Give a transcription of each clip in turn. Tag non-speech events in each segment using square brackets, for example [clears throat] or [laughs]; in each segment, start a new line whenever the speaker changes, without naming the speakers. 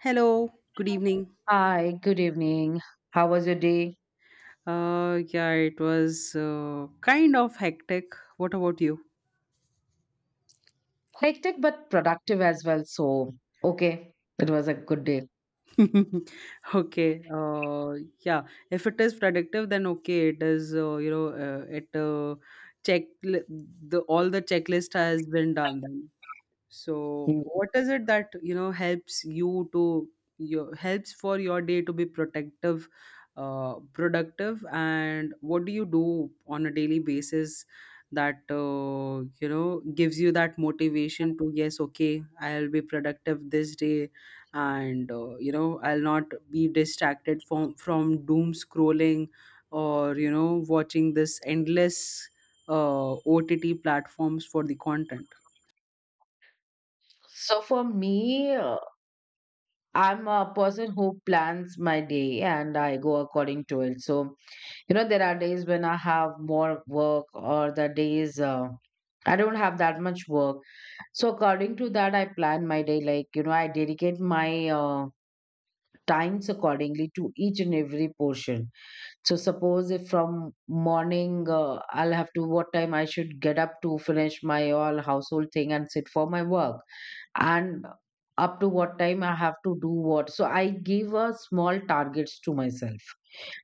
Hello, good evening.
Hi, good evening. How was your day?
Yeah, it was kind of hectic. What about you?
Hectic but productive as well. So, okay, it was a good day.
[laughs] Okay. Yeah, if it is productive, then okay. It is. You know, it Check the all the checklist has been done. Then. So
Mm.
what is it that helps you to your helps for your day to be protective, productive, and what do you do on a daily basis that gives you that motivation to yes, okay, I'll be productive this day, and I'll not be distracted from doom scrolling or watching this endless OTT platforms for the content.
So, for me, I'm a person who plans my day and I go according to it. So, you know, there are days when I have more work, or the days I don't have that much work. So, according to that, I plan my day. Like, you know, I dedicate my times accordingly to each and every portion. So suppose if from morning I'll have to what time I should get up to finish my all household thing and sit for my work and up to what time I have to do what. So I give a small targets to myself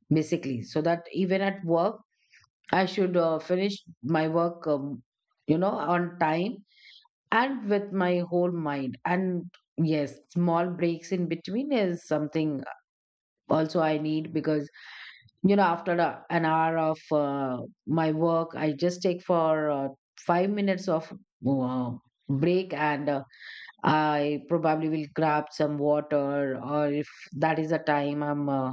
basically so that even at work I should finish my work you know on time and with my whole mind and yes small breaks in between is something also I need because you know after an hour of my work I just take for 5 minutes of uh, break and I probably will grab some water or if that is the time I'm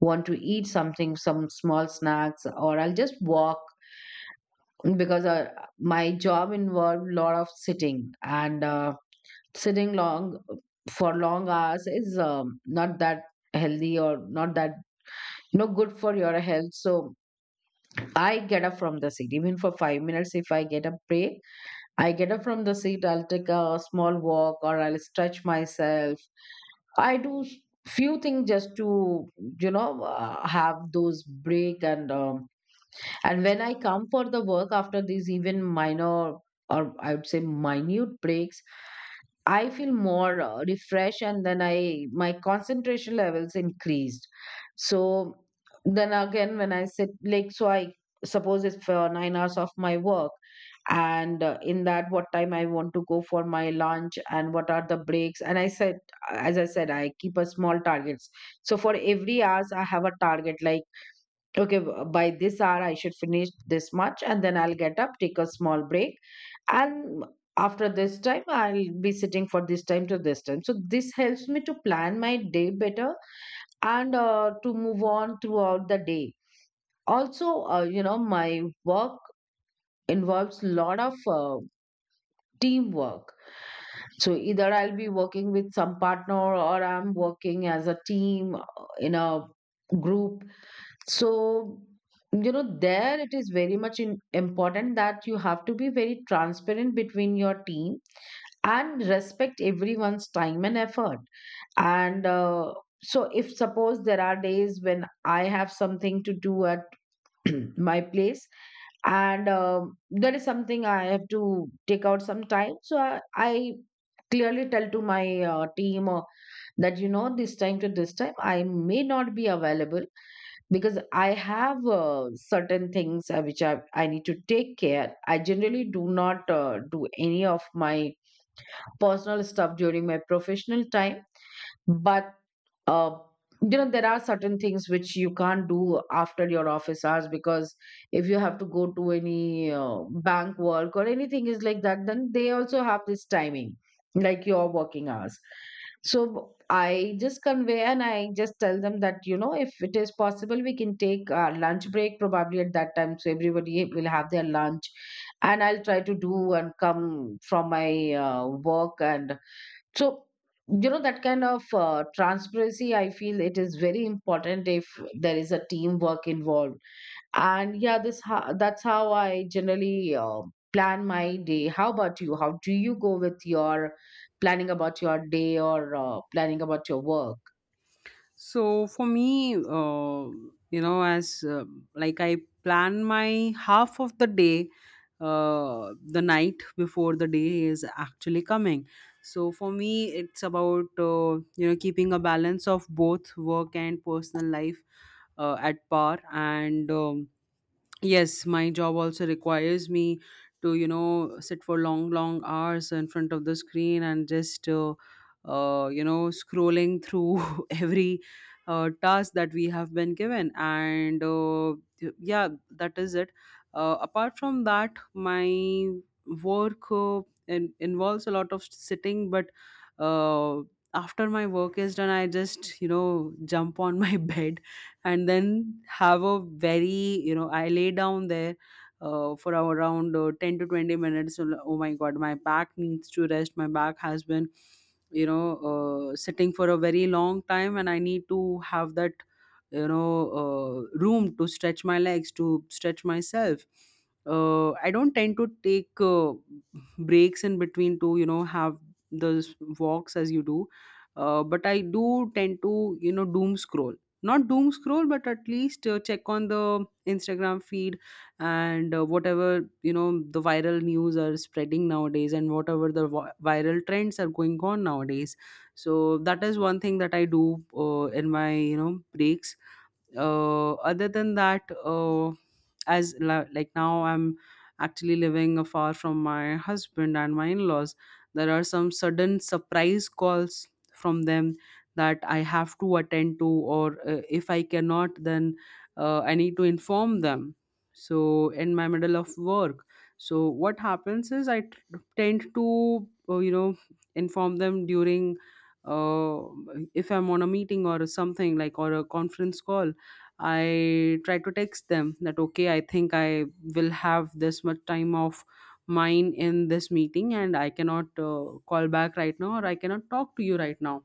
want to eat something some small snacks or I'll just walk because my job involved a lot of sitting and sitting long for long hours is not that healthy or not that you know good for your health, so I get up from the seat. Even for 5 minutes, if I get a break, I get up from the seat. I'll take a small walk or I'll stretch myself. I do s- Few things just to you know have those break and when I come for the work after these even minor or I would say minute breaks, I feel more refreshed, and then I my concentration levels increased. So then again, when I sit like so, I suppose it's for 9 hours of my work, and in that what time I want to go for my lunch and what are the breaks. As I said, I keep a small targets. So for every hours, I have a target like okay, by this hour I should finish this much, and then I'll get up, take a small break, and after this time I'll be sitting for this time to this time, so this helps me to plan my day better and to move on throughout the day. Also, you know, my work involves a lot of teamwork, so either I'll be working with some partner or I'm working as a team in a group. So, you know, there it is very much important that you have to be very transparent between your team and respect everyone's time and effort. And so, if suppose there are days when I have something to do at [clears throat] my place, and there is something I have to take out some time, so I clearly tell to my team that you know, this time to this time, I may not be available because I have certain things which I need to take care. I generally do not do any of my personal stuff during my professional time, but uh, you know there are certain things which you can't do after your office hours because if you have to go to any bank work or anything is like that, then they also have this timing like your working hours. So I just convey and I just tell them that you know, if it is possible we can take our lunch break probably at that time, so everybody will have their lunch and I'll try to do and come from my work. And so, you know, that kind of transparency, I feel it is very important if there is a teamwork involved. And yeah, that's how I generally plan my day. How about you? How do you go with your planning about your day or planning about your work?
So for me, you know, as like I plan my half of the day, the night before the day is actually coming. So for me, it's about keeping a balance of both work and personal life at par and. Yes, my job also requires me to sit for long long hours in front of the screen and just scrolling through [laughs] every task that we have been given, and yeah, that is it. Apart from that, my work involves a lot of sitting, but uh, after my work is done, I just jump on my [laughs] bed and then have a very, I lay down there for around 10 to 20 minutes. So, oh my god, my back needs to rest. My back has been, you know sitting for a very long time, and I need to have that, you know room to stretch my legs, to stretch myself. I don't tend to take breaks in between to have those walks as you do. But I do tend to doom scroll, not doom scroll, but at least check on the Instagram feed, and whatever, the viral news are spreading nowadays, and whatever the viral trends are going on nowadays. So that is one thing that I do in my, breaks. Other than that, like now I'm actually living afar from my husband and my in-laws. There are some sudden surprise calls from them that I have to attend to, or if I cannot, then I need to inform them. So, in my middle of work, so what happens is tend to, inform them during, uh, if I'm on a meeting or something, like, or a conference call. I try to text them that, okay, I think I will have this much time of mine in this meeting, and I cannot call back right now, or I cannot talk to you right now.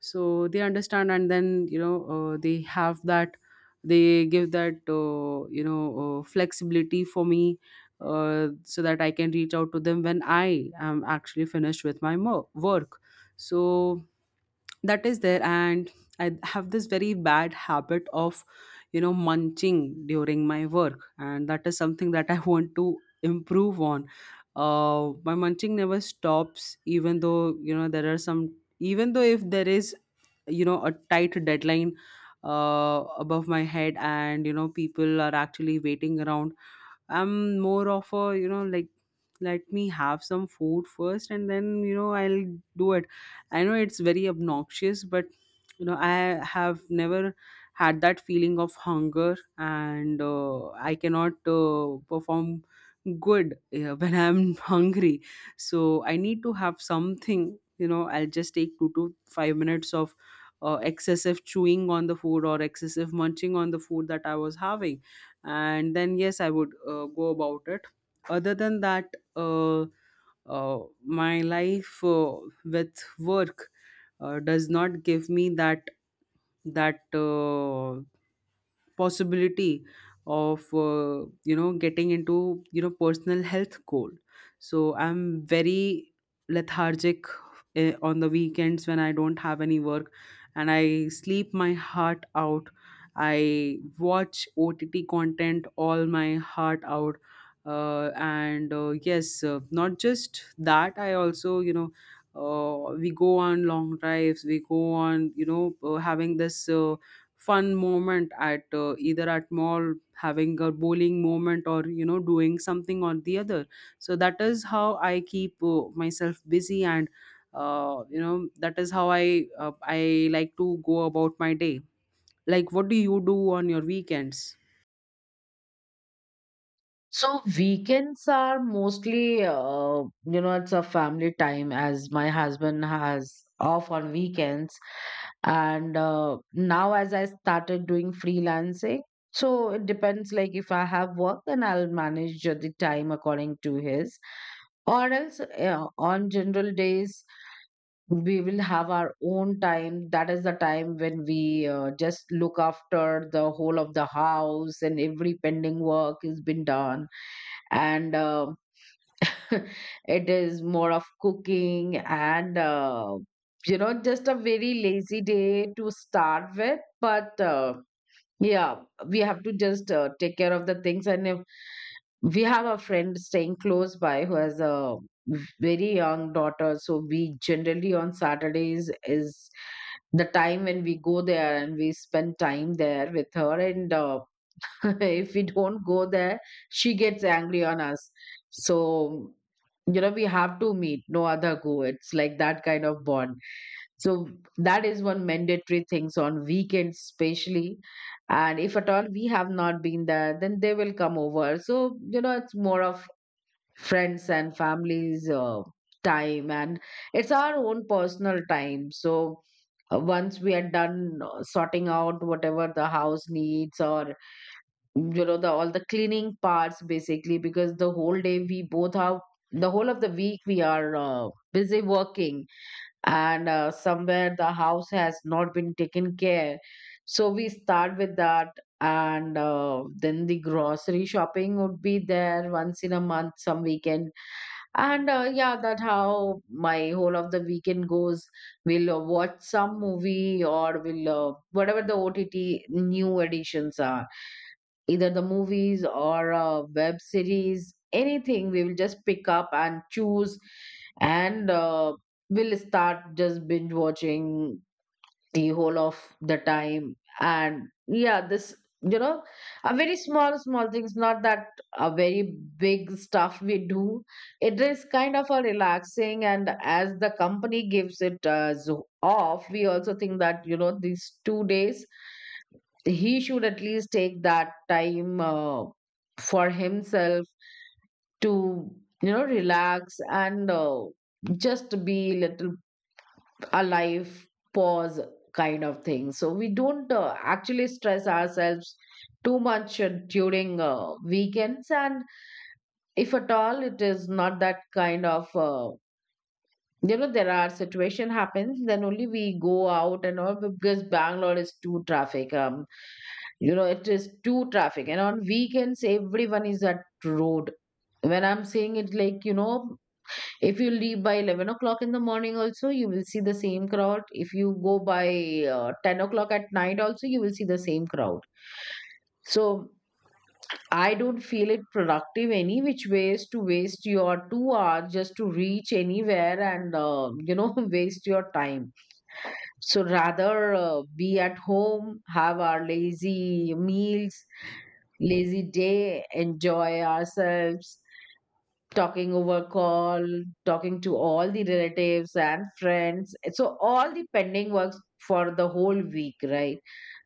So they understand, and then, they have that, they give that, flexibility for me, so that I can reach out to them when I am actually finished with my work. So that is there. And I have this very bad habit of, munching during my work, and that is something that [laughs] I want to improve on. My munching never stops, even though, there are some, even though if there is, a tight deadline above my head, and, people are actually waiting around, I'm more of a, like, let me have some food first, and then, I'll do it. I know it's very obnoxious, but, I have never had that feeling of hunger, and I cannot perform good [laughs] when I'm hungry. So I need to have something. I'll just take 2 to 5 minutes of excessive chewing on the food, or excessive munching on the food that I was having, and then, yes, I would go about it. Other than that, uh, my life with work does not give me that, that uh, possibility of, getting into, personal health goal. So I'm very lethargic on the weekends when I don't have any work, and I sleep my heart out. I watch OTT content all my heart out. And Yes, not just that, I also, we go on long drives, we go on, having this fun moment at, either at mall, having a bowling moment, or, doing something or the other. So that is how I keep myself busy, and that is how I like to go about my day. Like, what do you do on your weekends?
So weekends are mostly, you know, it's a family time as my husband has off on weekends. And now, as I started doing freelancing, so it depends. Like if I have work, then I'll manage the time according to his. Or else, on general days, we will have our own time. That is the time when we just look after the whole of the house and every pending work has been done and [laughs] it is more of cooking and you know, just a very lazy day to start with, but yeah, we have to just take care of the things. And if we have a friend staying close by who has a very young daughter, so we generally on Saturdays is the time when we go there and we spend time there with her. And [laughs] if we don't go there, she gets angry on us. So, you know, we have to meet, no other go, it's like that kind of bond. So that is one mandatory things on weekends especially. And if at all we have not been there, then they will come over. So you know, it's more of friends and families time, and it's our own personal time. So once we are done sorting out whatever the house needs or you know, the all the cleaning parts basically, because the whole day we both have, the whole of the week we are busy working and somewhere the house has not been taken care, so we start with that. And then the grocery shopping would be there once in a month, some weekend. And yeah, that how my whole of the weekend goes. We'll watch some movie or we'll whatever the OTT new editions are, either the movies or web series, anything we will just pick up and choose, and we'll start just binge watching the whole of the time. And yeah, this, you know, a very small small things, not that a very big stuff we do. It is kind of a relaxing, and as the company gives it as off, we also think that you know, these two days he should at least take that time for himself to you know, relax and just be little alive, pause kind of thing, so we don't actually stress ourselves too much during weekends. And if at all it is not that kind of you know, there are situation happens, then only we go out and all, because Bangalore is too traffic, you know, it is too traffic and on weekends everyone is at road. When I'm saying it like you know, if you leave by 11 o'clock in the morning also you will see the same crowd, if you go by 10 o'clock at night also you will see the same crowd. So I don't feel it productive any which ways to waste your two hours just to reach anywhere and you know [laughs] waste your time. So rather be at home, have our lazy meals, lazy day, enjoy ourselves, talking over call, talking to all the relatives and friends. So, all the pending works for the whole week, right?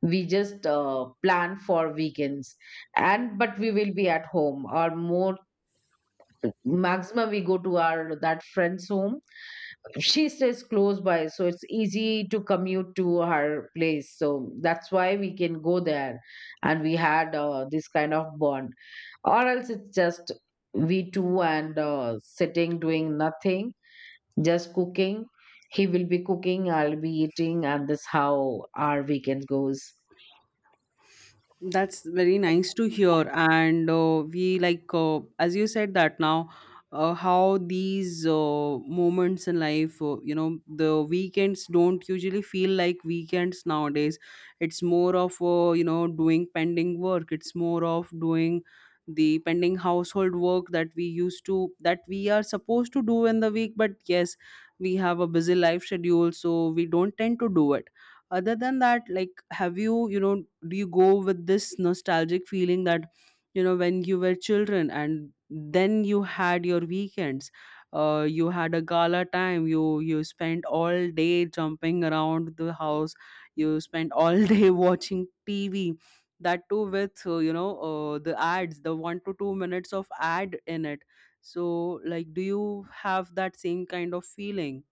We just plan for weekends, and but we will be at home, or more maximum we go to our that friend's home. She stays close by, so it's easy to commute to her place, so that's why we can go there and we had this kind of bond. Or else it's just we two and sitting doing nothing, just cooking, he will be cooking, I'll be eating, and this how our weekend goes.
That's very nice to hear. And, we like, as you said that now, how these moments in life, the weekends don't usually feel like weekends nowadays. It's more of, doing pending work. It's more of doing the pending household work that we used to, that we are supposed to do in the week. But yes, we have a busy life schedule, so we don't tend to do it. Other than that, like, have you, you know do you go with this nostalgic feeling that, when you were children and then you had your weekends, you had a gala time, you spent all day jumping around the house, you spent all [laughs] day watching TV, that too with, the ads, the 1 to 2 minutes of ad in it. So, like, do you have that same kind of feeling?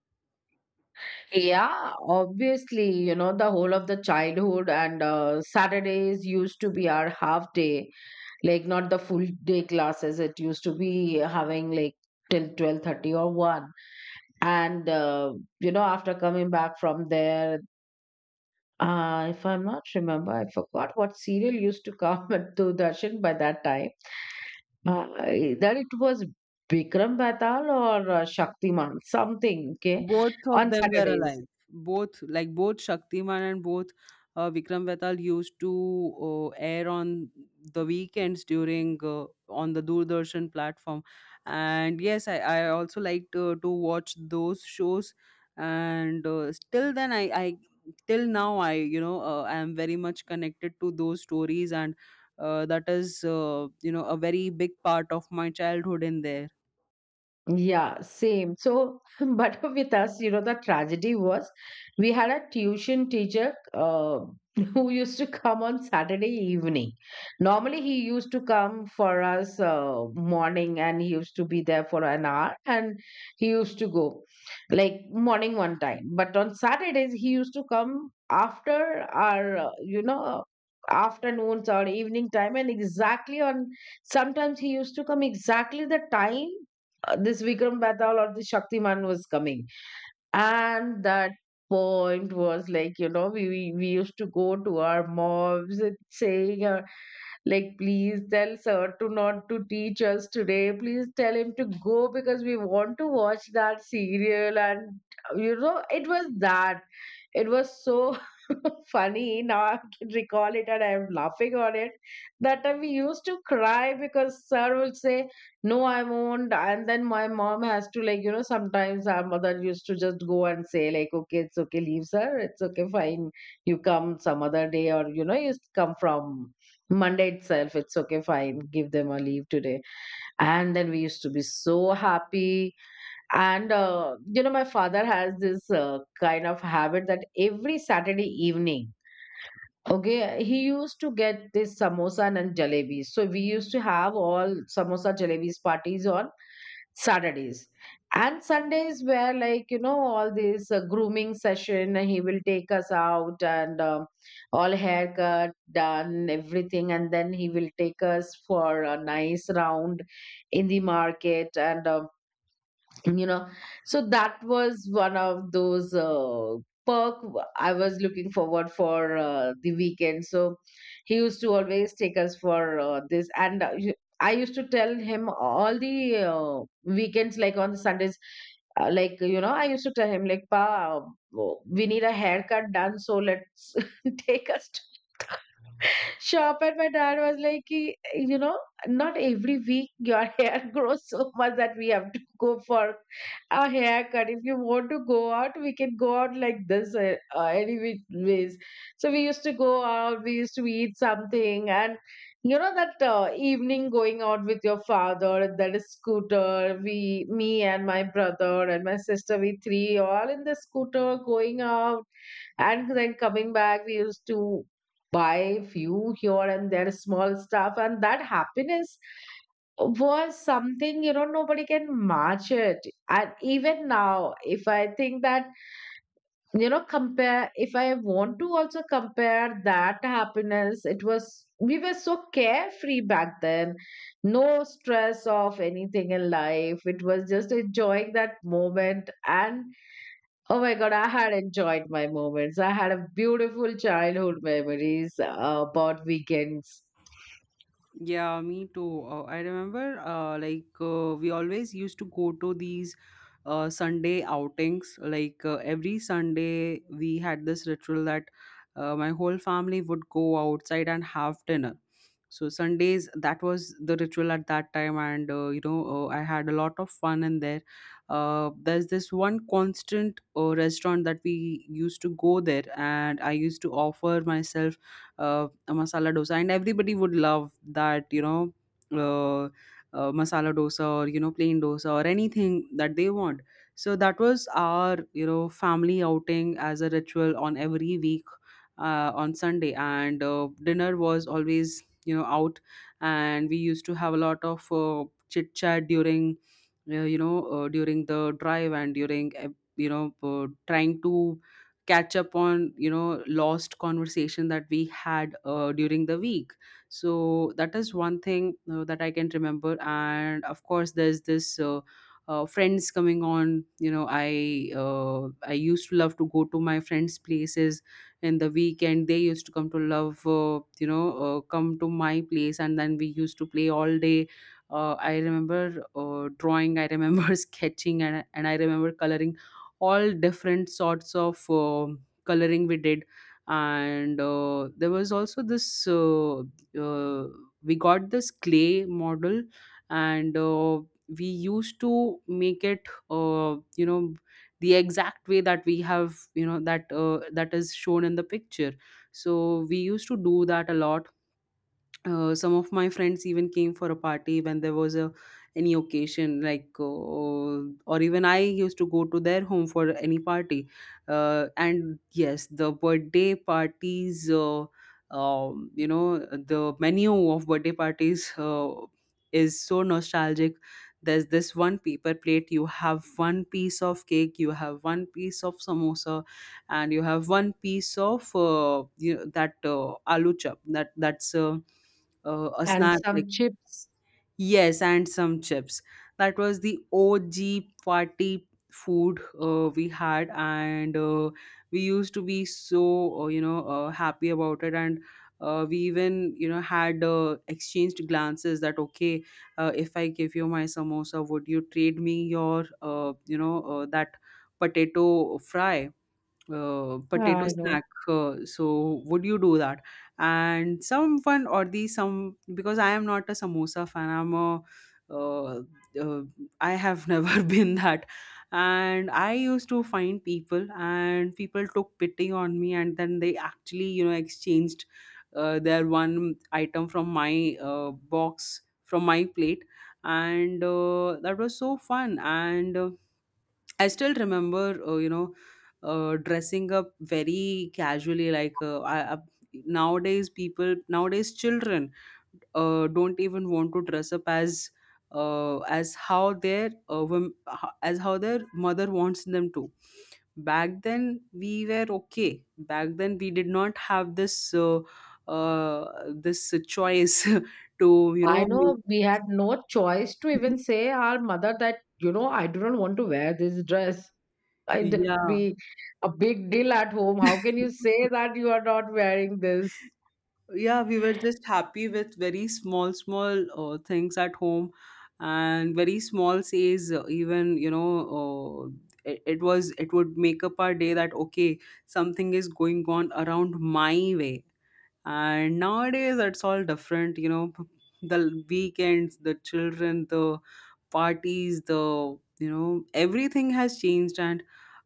Yeah, obviously, you know, the whole of the childhood, and Saturdays used to be our half day, like not the full day classes, it used to be having like till 12:30 or 1, and you know, after coming back from there, if I'm not remember, I forgot what serial used to come [laughs] to Darshan by that time, uh, that it was Bikram Batal or Shaktiman, something okay,
Both of
on
them were
Saturdays.
alive. Both, like, both Shaktiman and both Vikram Vetal used to air on the weekends during, on the Doordarshan platform. And yes, I also liked to watch those shows. And still then, I till now I, I am very much connected to those stories, and that is, a very big part of my childhood in there.
Yeah, same. So, [laughs] but with us, you know, the tragedy was we had a tuition teacher [laughs] who used to come on Saturday evening. Normally, he used to come for us morning and he used to be there for an hour and he used to go, like, morning one time. But on Saturdays, he used to come after our, you know, afternoons or evening time, and exactly on, sometimes he used to come exactly the time this Vikram Betal or the Shaktiman was coming. And that point was like, we used to go to our mobs and saying, like, please tell sir to not to teach us today. Please tell him to go because we want to watch that serial. And you know, it was that. It was so [laughs] funny. Now I can recall it and I'm laughing on it. That time we used to cry because sir would say, no, I won't. And then my mom has to, sometimes our mother used to just go and say, like, okay, it's okay, leave sir. It's okay, fine. You come some other day, or, you come from Monday itself, it's okay, fine, give them a leave today. And then we used to be so happy. My father has this kind of habit that every Saturday evening, okay, he used to get this samosa and jalebi. So we used to have all samosa jalebis parties on Saturdays, and Sundays were like, all this grooming session. He will take us out, and all haircut done, everything, and then he will take us for a nice round in the market and. you know so that was one of those I was looking forward for the weekend, so he used to always take us for this, and I used to tell him all the weekends like on the Sundays, I used to tell him like, pa, uh, we need a haircut done, so let's [laughs] take us shop. And my dad was like, you know, not every week your [laughs] hair grows so much that we have to go for a haircut. If you want to go out, we can go out like this, any which ways." So we used to go out, we used to eat something, and you know that evening going out with your father, that is scooter, we, me and my brother and my sister, we three all in the scooter going out, and then coming back, we used to buy few here and there small stuff. And that happiness was something, you know, nobody can match it. And even now, if I think that, you know, compare, if I want to also compare that happiness, it was, we were so carefree back then. No stress of anything in life. It was just enjoying that moment. And oh my God, I had enjoyed my moments. I had a beautiful childhood memories about weekends
Yeah, me too. I remember, like, we always used to go to these Sunday outings. Like, every Sunday, we had this ritual that, my whole family would go outside and have dinner. So Sundays, that was the ritual at that time, and, I had a lot of fun in there. There's this one constant restaurant that we used to go there, and I used to offer myself uh, a masala dosa, and everybody would love that, uh, masala dosa or, plain dosa, or anything that they want. So that was our, family outing as a ritual on every week, on Sunday, and dinner was always, out. And we used to have a lot of chit chat during, during the drive, and during, trying to catch up on, lost conversation that we had during the week. So that is one thing that I can remember. And of course, there's this, friends coming on, I used to love to go to my friends places in the weekend. They used to come to love, come to my place, and then we used to play all day. I remember drawing, I remember [laughs] sketching, and I remember coloring all different sorts of coloring we did. And there was also this, uh, we got this clay model, and we used to make it, the exact way that we have, that is shown in the picture. So we used to do that a lot. Some of my friends even came for a party when there was a any occasion, like, or even I used to go to their home for any party. And yes, the birthday parties, the menu of birthday parties is so nostalgic. There's this one paper plate, you have one piece of cake, you have one piece of samosa, and you have one piece of, that, aloo chop, that, that's a
and
snack, like...
some chips.
Yes, and some chips. That was the OG party food we had. And we used to be so, happy about it. And we even, had exchanged glances that, okay, if I give you my samosa, would you trade me your, that potato fry, potato
I know.
snack. So would you do that? And someone or the some, because I am not a samosa fan. I'm a, uh, uh, I have [laughs] never been that. And I used to find people, and people took pity on me, and then they actually, exchanged their one item from my box, from my plate, and that was so fun. And I still remember, dressing up very casually. Like, nowadays, people, nowadays children don't even want to dress up as how their as how their mother wants them to. Back then, we were okay. Back then, we did not have this, uh, this choice [laughs] to, you
I
know. Make,
know we had no choice to even say our mother that, you know, I do not want to wear this dress.
[laughs]
I did
yeah.
be a big deal at home. How can you
[laughs]
say that you are not wearing this?
Yeah, we were just happy with very small small things at home, and very small says even, uh, it was, it would make up our day that, okay, something is going on around my way. And nowadays it's all different, the weekends, the children, the parties, the, everything has changed. And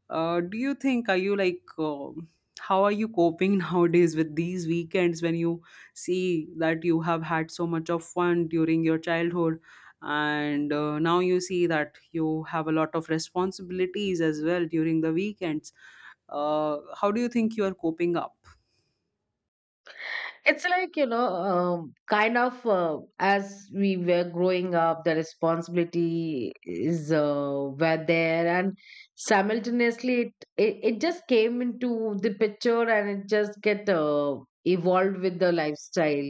do you think, are you like, how are you coping [laughs] nowadays with these weekends when you see that you have had so much of fun during your childhood, and now you see that you have a lot of responsibilities as well during the weekends? How do you think you are coping up?
It's like, you know, kind of as we were growing up, the responsibility is were there, and simultaneously, it just came into the picture, and it just get evolved with the lifestyle.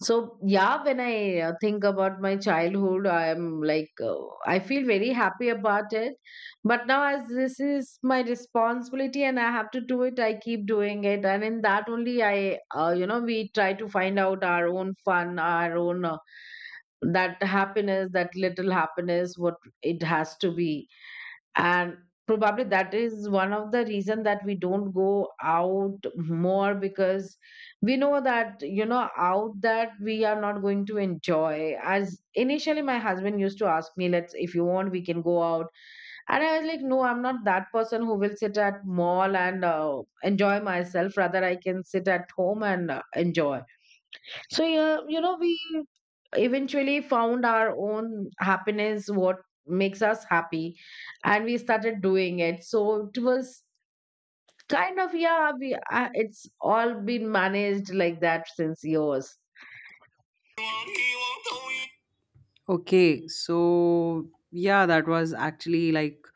So, yeah, when I think about my childhood, I'm like, I feel very happy about it. But now, as this is my responsibility and I have to do it, I keep doing it. And in that only, we try to find out our own fun, our own, that happiness, that little happiness, what it has to be, and probably that is one of the reason that we don't go out more because we know that, you know, out that we are not going to enjoy. As initially my husband used to ask me, let's, if you want, we can go out. And I was like, no, I'm not that person who will sit at mall and enjoy myself, rather I can sit at home and enjoy. So yeah, you know, we eventually found our own happiness, what makes us happy, and we started doing it. So it was kind of, yeah, we it's all been managed like that since yours.
Okay, so yeah, that was actually like,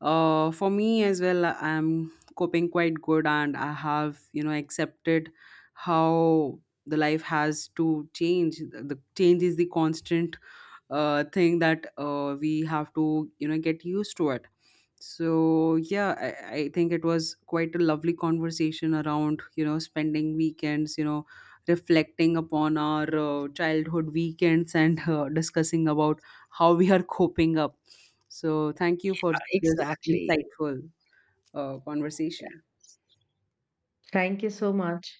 for me as well, I'm coping quite good, and I have, accepted how the life has to change, the change is the constant thing that we have to, get used to it. So yeah, I think it was quite a lovely conversation around, spending weekends, reflecting upon our childhood weekends, and discussing about how we are coping up. So thank you for this
Exactly.
insightful conversation.
Thank you so much.